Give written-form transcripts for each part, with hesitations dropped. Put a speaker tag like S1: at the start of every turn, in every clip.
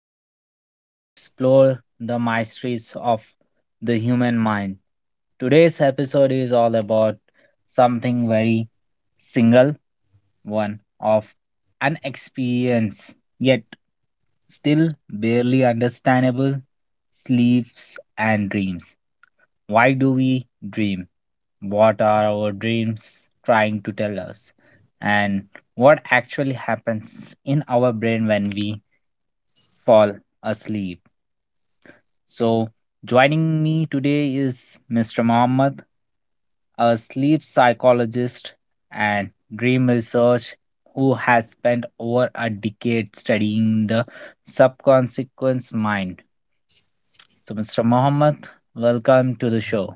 S1: where we explore the mysteries of the human mind. Today's episode is all about something very single one of an experience, yet still barely understandable sleeps and dreams. Why do we dream? What are our dreams trying to tell us? And what actually happens in our brain when we fall asleep? So, joining me today is Mr. Mohammed, a sleep psychologist and dream research who has spent over a decade studying the subconscious mind. So, Mr. Mohammed, welcome to the show.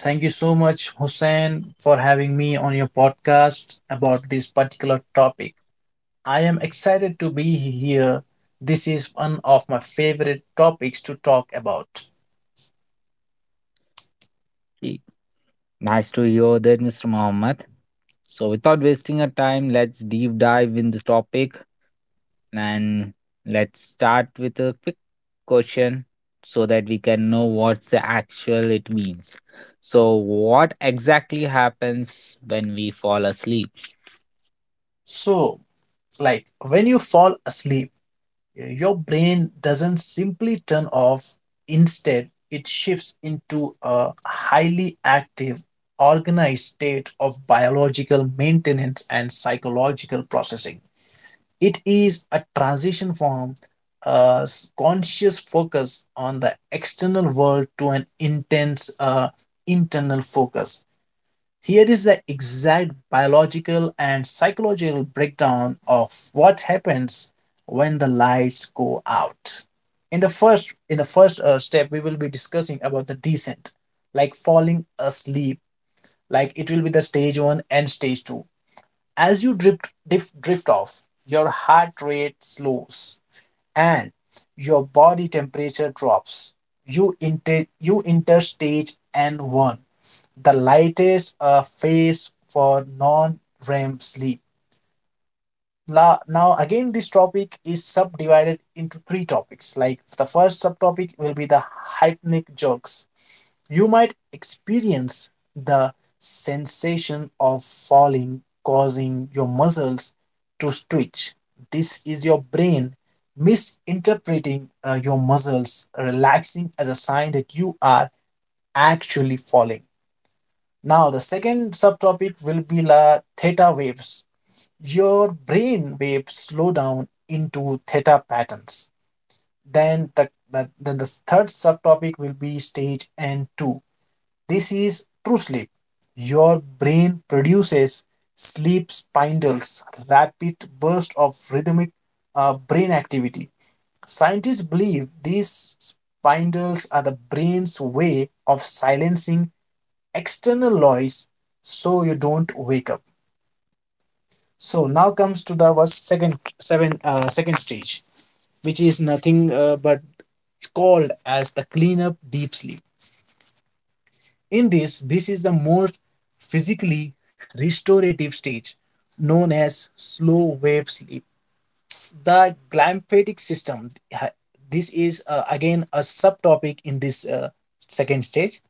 S2: Thank you so much, Hussein, for having me on your podcast about this particular topic. I am excited to be here. This is one of my favorite topics to talk about.
S1: Hey, nice to hear that, Mr. Mohammed. So, without wasting our time, let's deep dive in this topic and let's start with a quick question so that we can know what's the actual it means. So, what exactly happens when we fall asleep?
S2: So, like when you fall asleep, your brain doesn't simply turn off. Instead, it shifts into a highly active, organized state of biological maintenance and psychological processing. It is a transition from a conscious focus on the external world to an intense internal focus. Here is the exact biological and psychological breakdown of what happens when the lights go out. In the first step, we will be discussing about the descent, like falling asleep. Like it will be the stage one and stage two as you drift off, your heart rate slows and your body temperature drops. You enter stage N1, the lightest phase for non REM sleep. Now again, this topic is subdivided into three topics. Like the first subtopic will be the hypnic jerks. You might experience the sensation of falling, causing your muscles to twitch. This is your brain misinterpreting your muscles relaxing as a sign that you are actually falling. Now, the second subtopic will be the theta waves. Your brain waves slow down into theta patterns. Then the third subtopic will be stage N2. This is true sleep. Your brain produces sleep spindles, rapid bursts of rhythmic brain activity. Scientists believe these spindles are the brain's way of silencing external noise so you don't wake up. So now comes to the was second seven second stage, which is nothing but called as the cleanup deep sleep. This is the most physically restorative stage, known as slow wave sleep. The glymphatic system, this is again a subtopic in this second stage.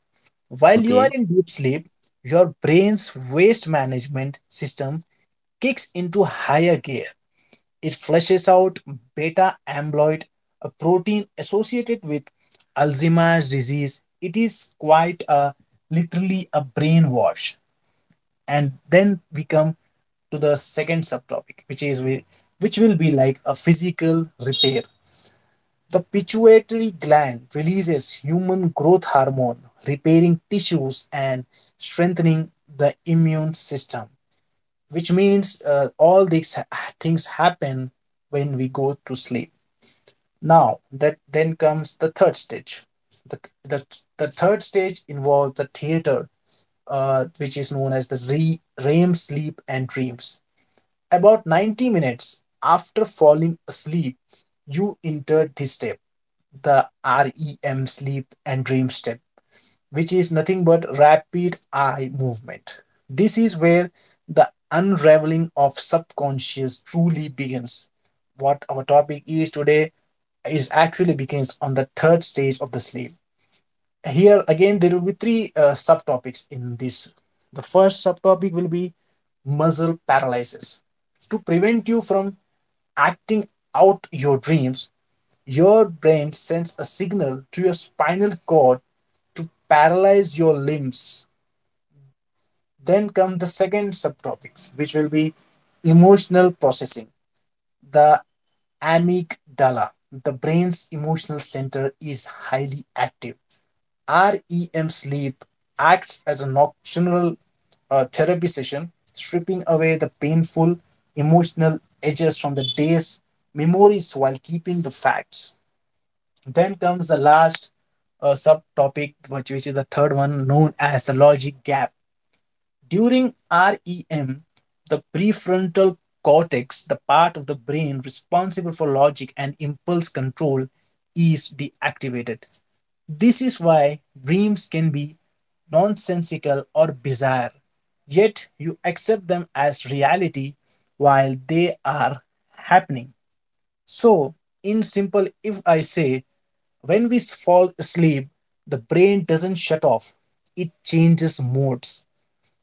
S2: While you are
S1: Okay,
S2: in deep sleep, your brain's waste management system kicks into higher gear. It flushes out beta amyloid, a protein associated with Alzheimer's disease. It is quite a literally a brainwash. And then we come to the second subtopic, which is which will be like a physical repair. The pituitary gland releases human growth hormone, repairing tissues and strengthening the immune system, which means all these things happen when we go to sleep. Now that then comes the third stage. The, the, the third stage involves the theater, which is known as the REM sleep and dreams. About 90 minutes after falling asleep, you entered this step, the REM sleep and dream step, which is nothing but rapid eye movement. This is where the unraveling of subconscious truly begins. What our topic is today is actually begins on the third stage of the sleep. Here again, there will be three subtopics in this. The first subtopic will be muscle paralysis. To prevent you from acting out your dreams, your brain sends a signal to your spinal cord to paralyze your limbs. Then come the second subtopics, which will be emotional processing. The amygdala, the brain's emotional center, is highly active. REM sleep acts as a nocturnal therapy session, stripping away the painful emotional edges from the day's memories while keeping the facts. Then comes the last subtopic, which is the third one, known as the logic gap. During REM, the prefrontal cortex, the part of the brain responsible for logic and impulse control, is deactivated. This is why dreams can be nonsensical or bizarre, yet you accept them as reality while they are happening. So, in simple, if I say when we fall asleep, the brain doesn't shut off, it changes modes.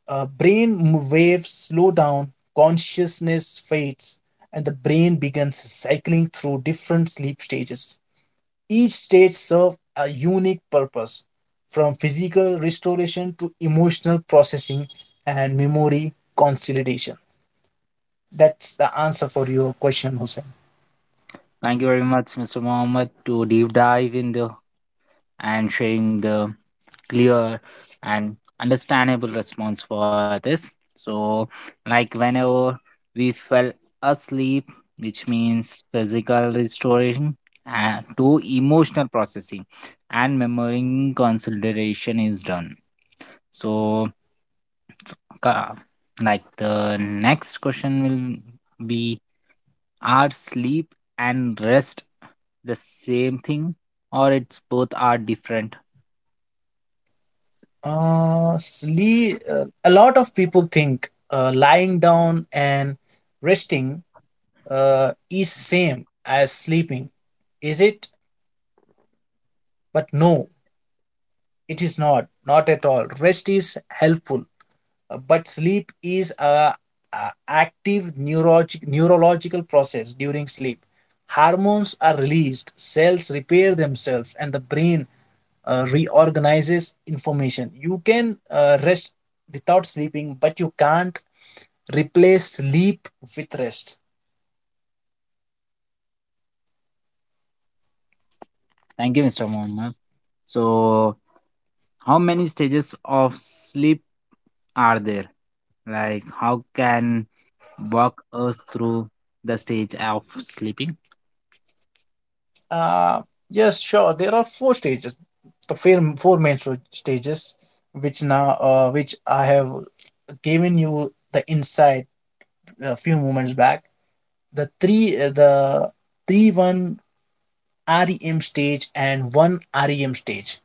S2: Brain waves slow down, consciousness fades, and the brain begins cycling through different sleep stages. Each stage serves a unique purpose, from physical restoration to emotional processing and memory consolidation. That's the answer for your question, Hussein.
S1: thank you very much, Mr. Mohammed, to deep dive in the and sharing the clear and understandable response for others. So, like whenever we fell asleep, which means physical restoration to emotional processing and memory consideration is done. So, ca- like the next question will be, are sleep and rest the same thing, or it's both are different?
S2: Sleep. A lot of people think lying down and resting is same as sleeping. Is it? But no, it is not. Not at all. Rest is helpful. But sleep is a active neurological process. During sleep, hormones are released, cells repair themselves, and the brain reorganizes information. You can rest without sleeping, but you can't replace sleep with rest.
S1: Thank you, Mr. Mohammed. So, how many stages of sleep are there? Like, how can walk us through the stage of sleeping?
S2: uh, yes, sure, there are four stages, the four main stages, which now which I have given you the insight a few moments back, the 3 1 REM stage and one REM stage.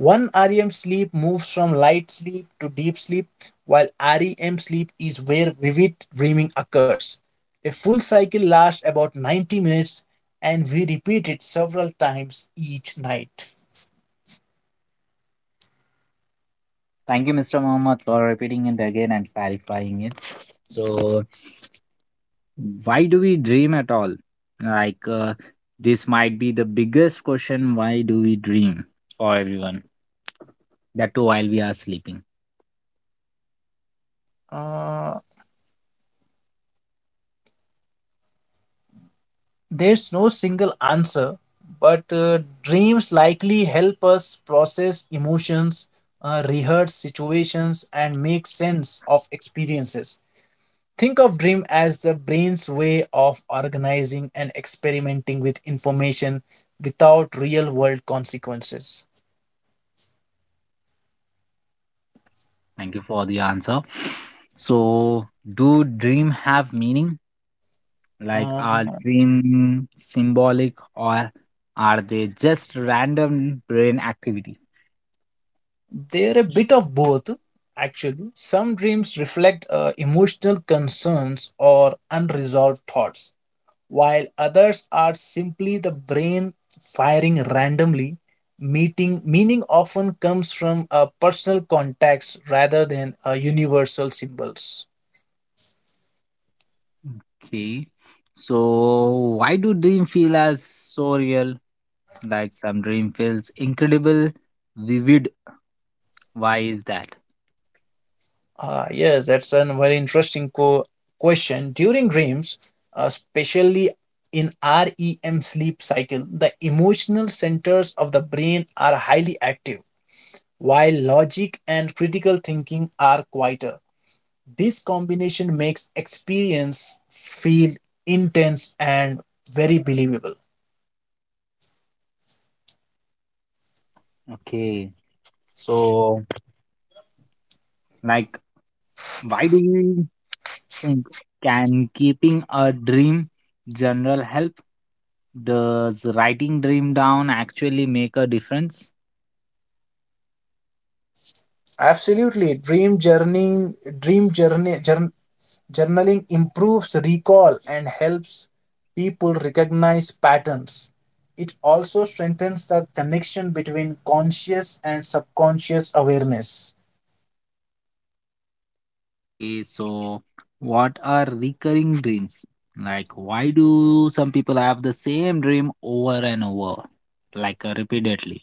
S2: One REM sleep moves from light sleep to deep sleep, while REM sleep is where vivid dreaming occurs. A full cycle lasts about 90 minutes and we repeat it several times each night.
S1: Thank you, Mr. Mohammed, for repeating it again and clarifying it. So, why do we dream at all? Like, this might be the biggest question why do we dream for everyone? That too, while we are sleeping.
S2: Uh, There's no single answer, but dreams likely help us process emotions, rehearse situations, and make sense of experiences. Think of dream as the brain's way of organizing and experimenting with information without real world consequences.
S1: Thank you for the answer. So, do dream have meaning? Like,
S2: Uh,
S1: are dreams symbolic or are they just random brain activity?
S2: they're a bit of both, actually. Some dreams reflect emotional concerns or unresolved thoughts, while others are simply the brain firing randomly. Meeting meaning often comes from a personal context rather than universal symbols.
S1: Okay. So, why do dream feel as so real? Like, some dream feels incredible, vivid. Why is that?
S2: Ah, yes, that's a very interesting question. During dreams, especially in REM sleep cycle, the emotional centers of the brain are highly active, while logic and critical thinking are quieter. This combination makes experience feel intense and very believable.
S1: Okay. So, like, why do we think can keeping a dream general help? Does writing dream down actually make a difference?
S2: Absolutely, dream journeying, dream journey, jour- journaling improves recall and helps people recognize patterns. It also strengthens the connection between conscious and subconscious awareness.
S1: Okay, so what are recurring dreams? Like, why do some people have the same dream over and over, like repeatedly?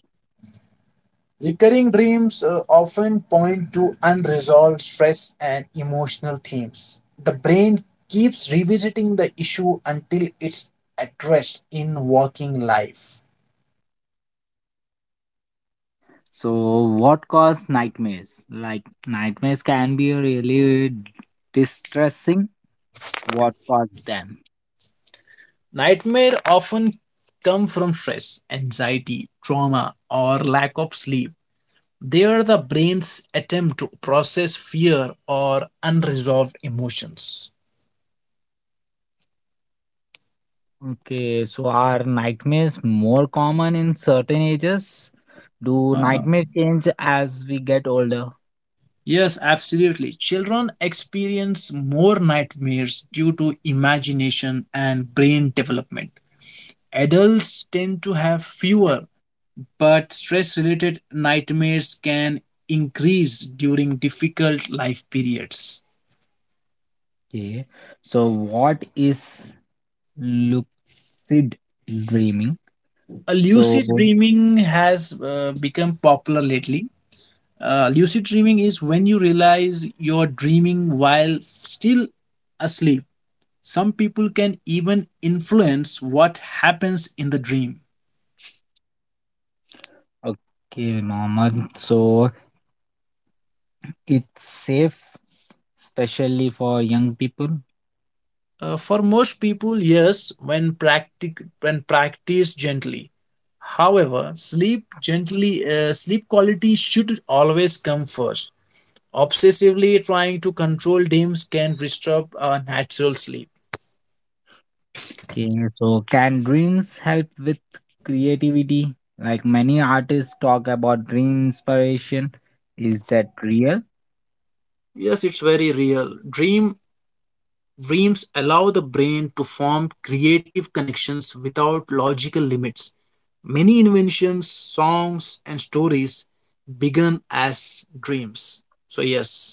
S2: Recurring dreams often point to unresolved stress and emotional themes. The brain keeps revisiting the issue until it's addressed in working life.
S1: So, what cause nightmares? Like, nightmares can be really distressing. What caused them?
S2: Nightmare often come from stress, anxiety, trauma, or lack of sleep. They are the brain's attempt to process fear or unresolved emotions.
S1: Okay, so are nightmares more common in certain ages? Do
S2: Uh,
S1: nightmares change as we get older?
S2: Yes, absolutely. Children experience more nightmares due to imagination and brain development. Adults tend to have fewer, but stress related nightmares can increase during difficult life periods.
S1: Okay, so what is lucid dreaming? So,
S2: Lucid dreaming has become popular lately. Lucid dreaming is when you realize you're dreaming while still asleep. Some people can even influence what happens in the dream.
S1: okay, Norman. So it's safe, s- especially for young people.
S2: For most people, yes, when, when practiced gently. However, sleep quality should always come first. Obsessively trying to control dreams can disturb our natural sleep.
S1: Okay, so can dreams help with creativity? Like many artists talk about dream inspiration. Is that real?
S2: Yes, it's very real. Dreams allow the brain to form creative connections without logical limits. Many inventions, songs, and stories began as dreams. So, yes.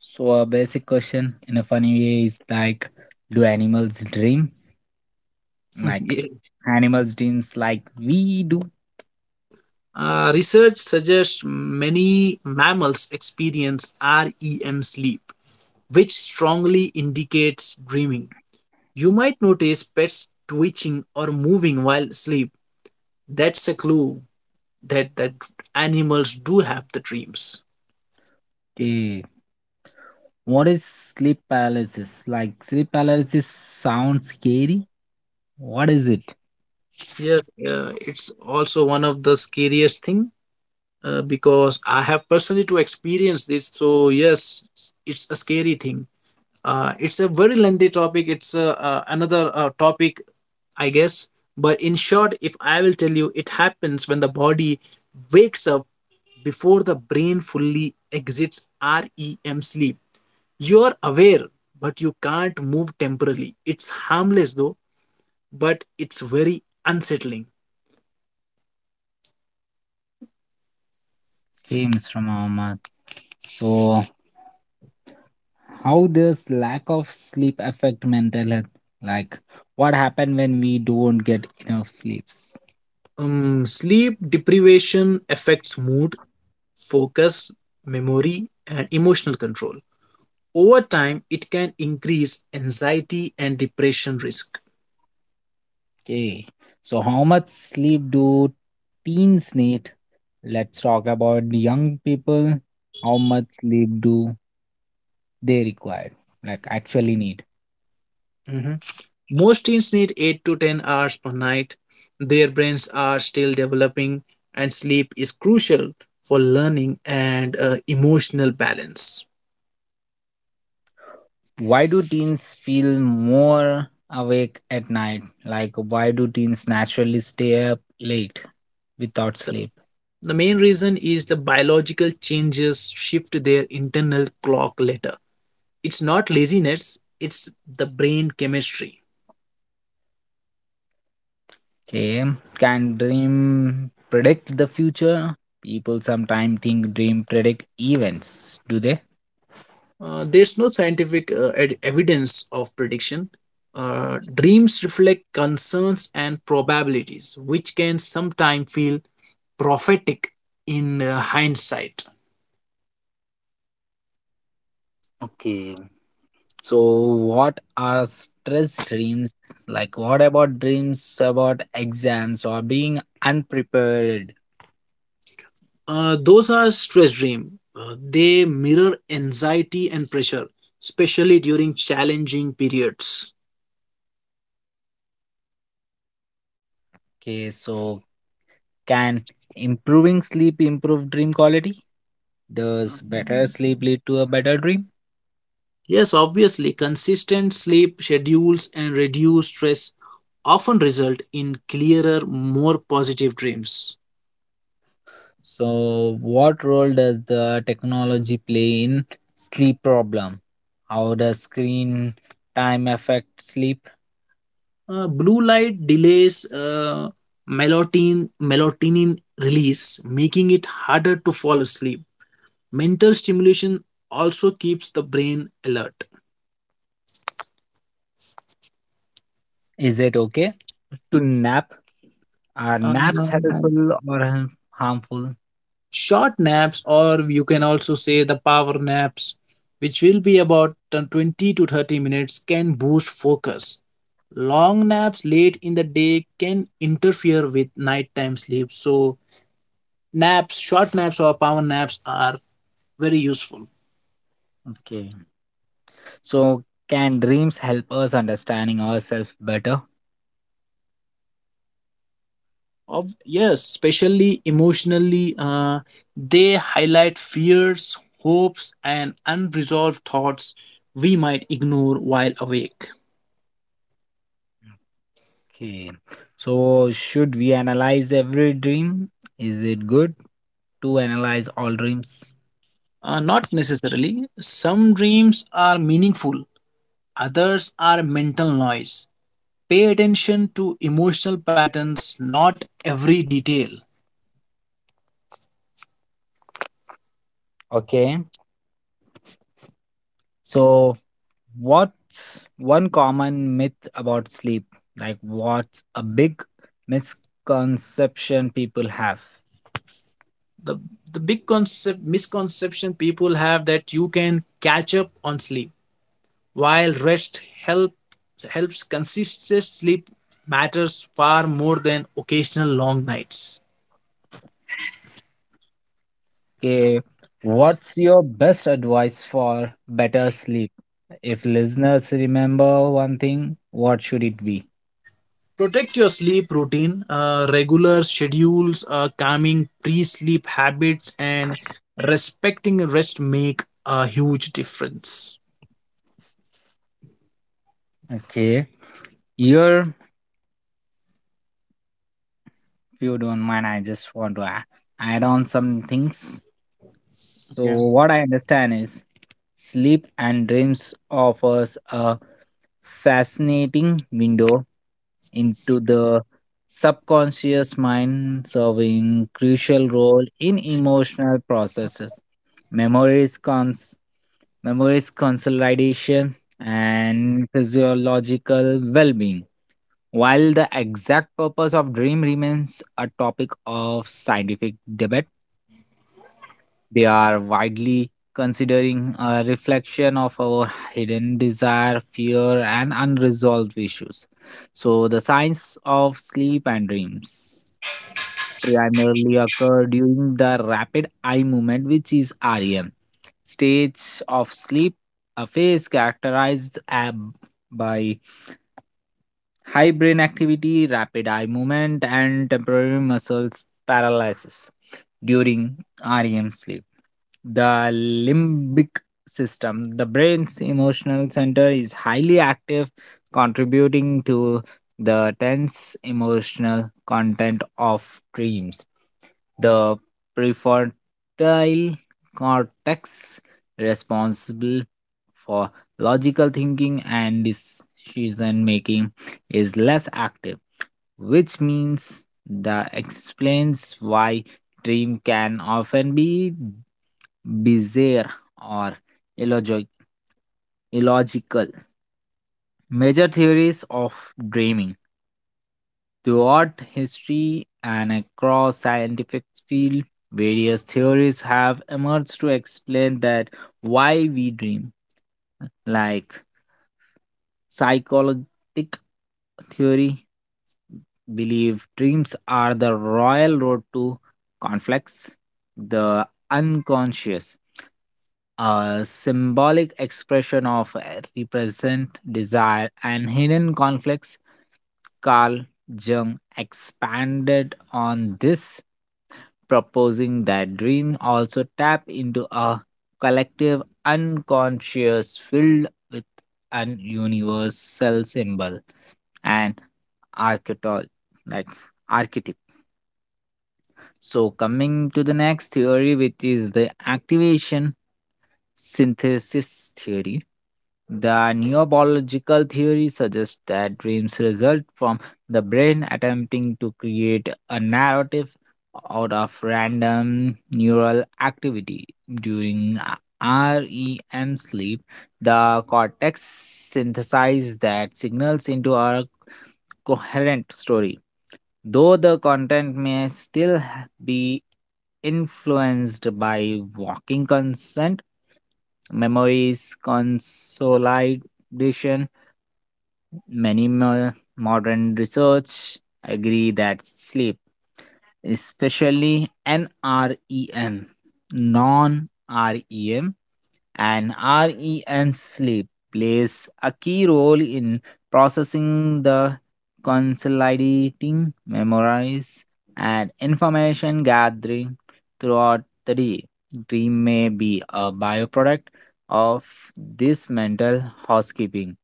S1: So a basic question in a funny way is like, do animals dream? Like
S2: Yeah.
S1: animals dreams like we do.
S2: Research suggests many mammals experience REM sleep, which strongly indicates dreaming. You might notice pets twitching or moving while asleep. That's a clue that animals do have the dreams.
S1: Okay. What is sleep paralysis? Like sleep paralysis sounds scary. What is it?
S2: Yes, it's also one of the scariest thing because I have personally to experience this. So yes, it's a scary thing. It's a very lengthy topic. It's another topic, I guess. But in short, if I will tell you, it happens when the body wakes up before the brain fully exits REM sleep. You are aware, but you can't move temporarily. It's harmless though, but it's very unsettling.
S1: Came from our mouth. So, how does lack of sleep affect mental health? Like, what happen when we don't get enough sleeps?
S2: Sleep deprivation affects mood, focus, memory, and emotional control. Over time, it can increase anxiety and depression risk.
S1: Okay. So, how much sleep do teens need? Let's talk about the young people. How much sleep do they require? Like, actually need.
S2: Mhm. Most teens need 8 to 10 hours per night. Their brains are still developing, and sleep is crucial for learning and emotional balance.
S1: Why do teens feel more awake at night? Like, why do teens naturally stay up late without
S2: The
S1: sleep?
S2: the main reason is the biological changes shift their internal clock later. It's not laziness, it's the brain chemistry.
S1: Okay. Can dream predict the future? People sometimes think dream predict events, do they?
S2: There's no scientific evidence of prediction. Dreams reflect concerns and probabilities which can sometimes feel prophetic in hindsight.
S1: Okay. So what are stress dreams? Like what about dreams about exams or being unprepared?
S2: Those are stress dreams; they mirror anxiety and pressure, especially during challenging periods.
S1: Okay, so can improving sleep improve dream quality? Does better
S2: Um,
S1: sleep lead to a better dream?
S2: Yes, obviously, consistent sleep schedules and reduced stress often result in clearer, more positive dreams.
S1: So, what role does the technology play in sleep problem? How does screen time affect sleep?
S2: Blue light delays melatonin release, making it harder to fall asleep. Mental stimulation also keeps the brain alert.
S1: Is it okay to nap? Are
S2: Um,
S1: naps helpful or harmful?
S2: Short naps, or you can also say the power naps, which will be about the 20 to 30 minutes, can boost focus. Long naps late in the day can interfere with nighttime sleep, so naps, short naps, or power naps are very useful.
S1: Okay. So, can dreams help us understanding ourselves better?
S2: Of yes, especially emotionally, they highlight fears, hopes, and unresolved thoughts we might ignore while awake.
S1: Okay. So, should we analyze every dream? Is it good to analyze all dreams?
S2: Not necessarily. Some dreams are meaningful, others are mental noise. Pay attention to emotional patterns, not every detail.
S1: Okay. So, what's one common myth about sleep? Like, what's a big misconception people have?
S2: The, the misconception people have that you can catch up on sleep, while helps, consistent sleep matters far more than occasional long nights.
S1: Okay, what's your best advice for better sleep? If listeners remember one thing, what should it be?
S2: Protect your sleep routine. Regular schedules, calming pre-sleep habits, and respecting rest make a huge difference.
S1: Okay, here, if you don't mind, I just want to add on some things. So,
S2: Yeah,
S1: what I understand is sleep and dreams offers a fascinating window into the subconscious mind, serving crucial role in emotional processes, memories, memories consolidation, and physiological well-being. While the exact purpose of dream remains a topic of scientific debate, they are widely considering a reflection of our hidden desire, fear, and unresolved issues. So, the signs of sleep and dreams primarily occur during the rapid eye movement, which is REM stage of sleep, a phase characterized by high brain activity, rapid eye movement, and temporary muscles paralysis during REM sleep. The limbic system, the brain's emotional center, is highly active, contributing to the tense emotional content of dreams. The prefrontal cortex, responsible for logical thinking and decision making is less active, which means that explains why dream can often be bizarre or illogic- illogical. Major theories of dreaming throughout history and across scientific field, various theories have emerged to explain that why we dream, like psychologic theory believe dreams are the royal road to conflicts, the unconscious, a symbolic expression of represent desire and hidden conflicts. Carl Jung expanded on this, proposing that dreams also tap into a collective unconscious filled with an universal symbol and archetype like archetype. So coming to the next theory which is the activation synthesis theory. The neurobiological theory suggests that dreams result from the brain attempting to create a narrative out of random neural activity. During REM sleep, the cortex synthesizes that signals into a coherent story, though the content may still be influenced by walking consent, memories, consolidation. Many modern research agree that sleep, especially NREM, non REM, an REM sleep plays a key role in processing the consolidating memories and information gathering throughout the day. Dream may be a byproduct of this mental housekeeping.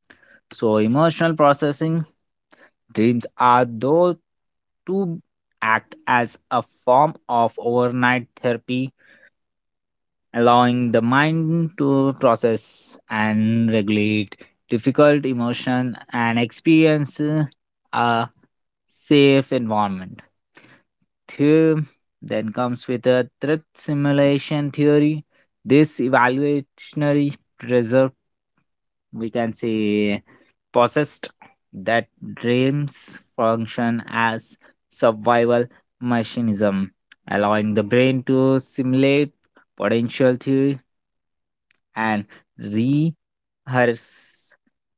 S1: So, emotional processing dreams are though to act as a form of overnight therapy, allowing the mind to process and regulate difficult emotion and experience a safe environment. Theorem then comes with a threat simulation theory. This evaluationary preserve, we can say, possessed that dreams function as survival mechanism, allowing the brain to simulate potential and rehearse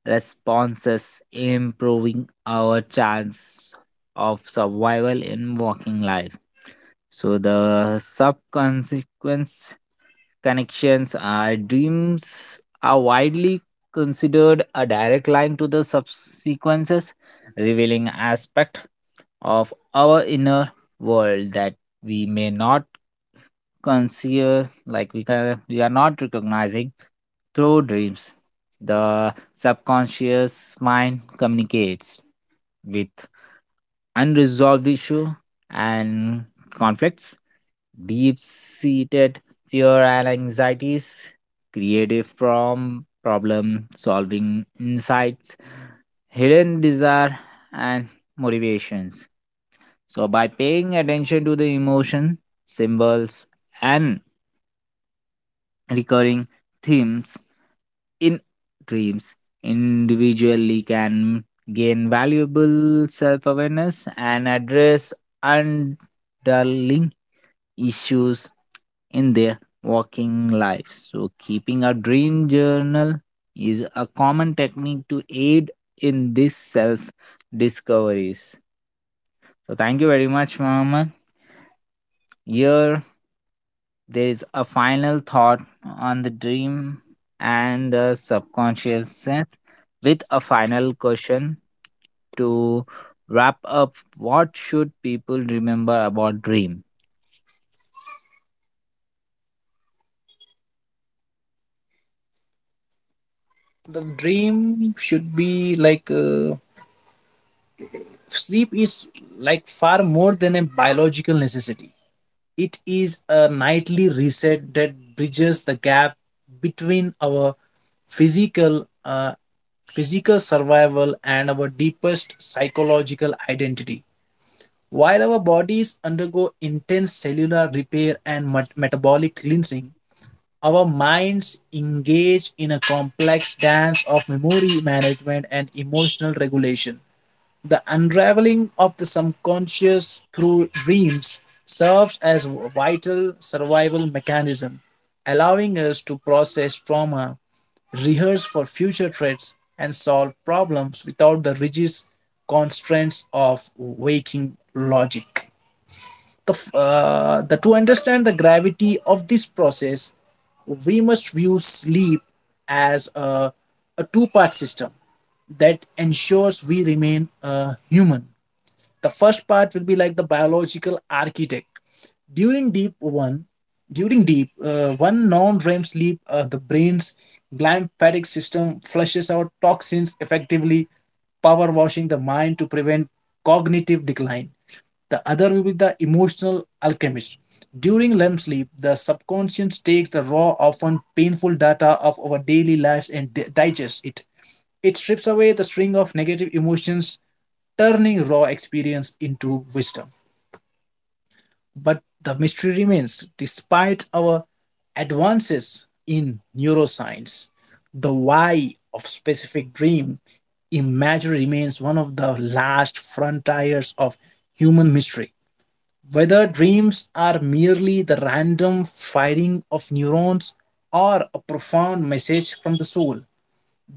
S1: responses, improving our chance of survival in working life. So the subconsequence connections are dreams are widely considered a direct line to the subsequences, revealing aspect of our inner world that we may not consider, like we can we are not recognizing through dreams the subconscious mind communicates with unresolved issue and conflicts, deep-seated fear and anxieties, creative from problem solving insights, hidden desire and motivations. So by paying attention to the emotion symbols and recurring themes in dreams, individually can gain valuable self awareness and address underlying issues in their working lives. So, keeping a dream journal is a common technique to aid in this self discoveries. So, thank you very much, Mohammed. Here there is a final thought on the dream and the subconscious sense with a final question to wrap up. What should people remember about dream?
S2: the dream should be like, sleep is like far more than a biological necessity. It is a nightly reset that bridges the gap between our physical uh, physical survival and our deepest psychological identity. While our bodies undergo intense cellular repair and metabolic cleansing, our minds engage in a complex dance of memory management and emotional regulation. The unraveling of the subconscious through dreams serves as a vital survival mechanism, allowing us to process trauma, rehearse for future threats, and solve problems without the rigid constraints of waking logic. The, f- the To understand the gravity of this process, we must view sleep as a two-part system that ensures we remain human. The first part will be like the biological architect. During deep one, During deep one non-REM sleep, the brain's glymphatic system flushes out toxins, effectively power washing the mind to prevent cognitive decline. The other will be the emotional alchemist. During REM sleep, the subconscious takes the raw, often painful data of our daily lives and digests it. It strips away the string of negative emotions, turning raw experience into wisdom. But the mystery remains. Despite our advances in neuroscience, the why of specific dream imagery remains one of the last frontiers of human mystery. Whether dreams are merely the random firing of neurons or a profound message from the soul,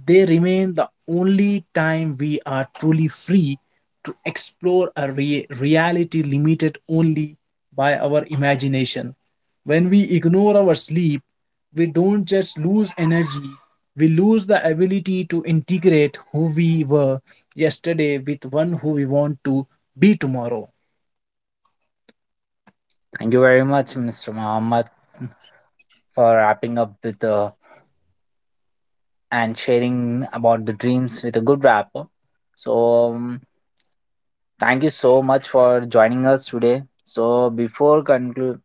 S2: they remain the only time we are truly free to explore a reality limited only by our imagination. When we ignore our sleep, we don't just lose energy, we lose the ability to integrate who we were yesterday with one who we want to be tomorrow.
S1: Thank you very much, Mr. Muhammad, for wrapping up with the and sharing about the dreams with a good wrap up. So thank you so much for joining us today. So before conclude,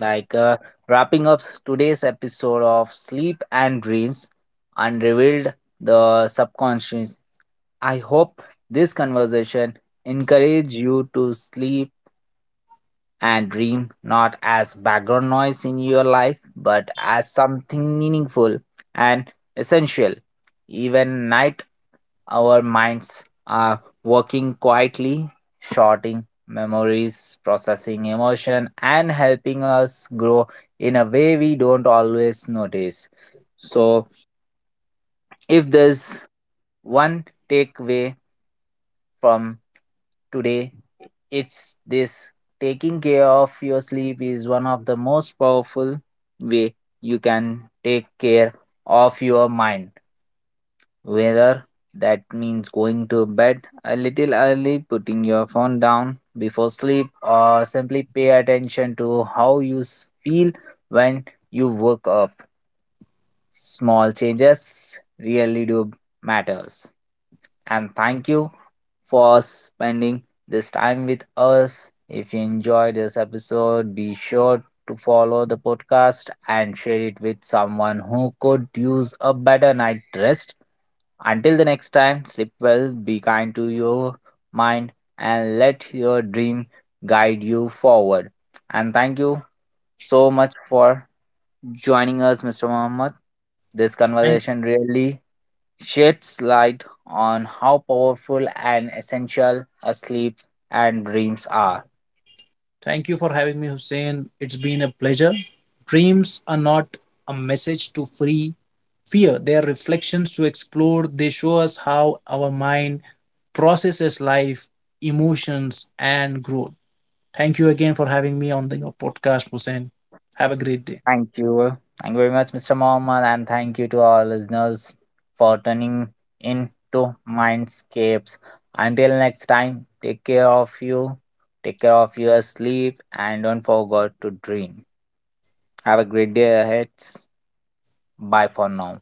S1: like uh, wrapping up today's episode of sleep and dreams unrevealed the subconscious, I hope this conversation encourage you to sleep and dream not as background noise in your life but as something meaningful and essential. Even night our minds are working quietly, sorting memories, processing emotion, and helping us grow in a way we don't always notice. So, if there's one takeaway from today, it's this: taking care of your sleep is one of the most powerful way you can take care of your mind. Whether that means going to bed a little early, putting your phone down before sleep, or simply pay attention to how you feel when you wake up. Small changes really do matters. And thank you for spending this time with us. If you enjoyed this episode, be sure to follow the podcast and share it with someone who could use a better night rest. Until the next time, sleep well, be kind to your mind, and let your dream guide you forward. And thank you so much for joining us, Mr. Muhammad. This
S2: Thank,
S1: conversation really sheds light on how powerful and essential a sleep and dreams are.
S2: Thank you for having me, Hussein. It's been a pleasure. Dreams are not a message to free fear, their reflections to explore. They show us how our mind processes life, emotions, and growth. Thank you again for having me on your podcast, Hussein. Have a great day.
S1: Thank you. Thank you very much, Mr. Mohammed, and thank you to our listeners for tuning in to Mindscapes. Until next time, take care of you, take care of your sleep, and don't forget to dream. Have a great day ahead. Bye for now.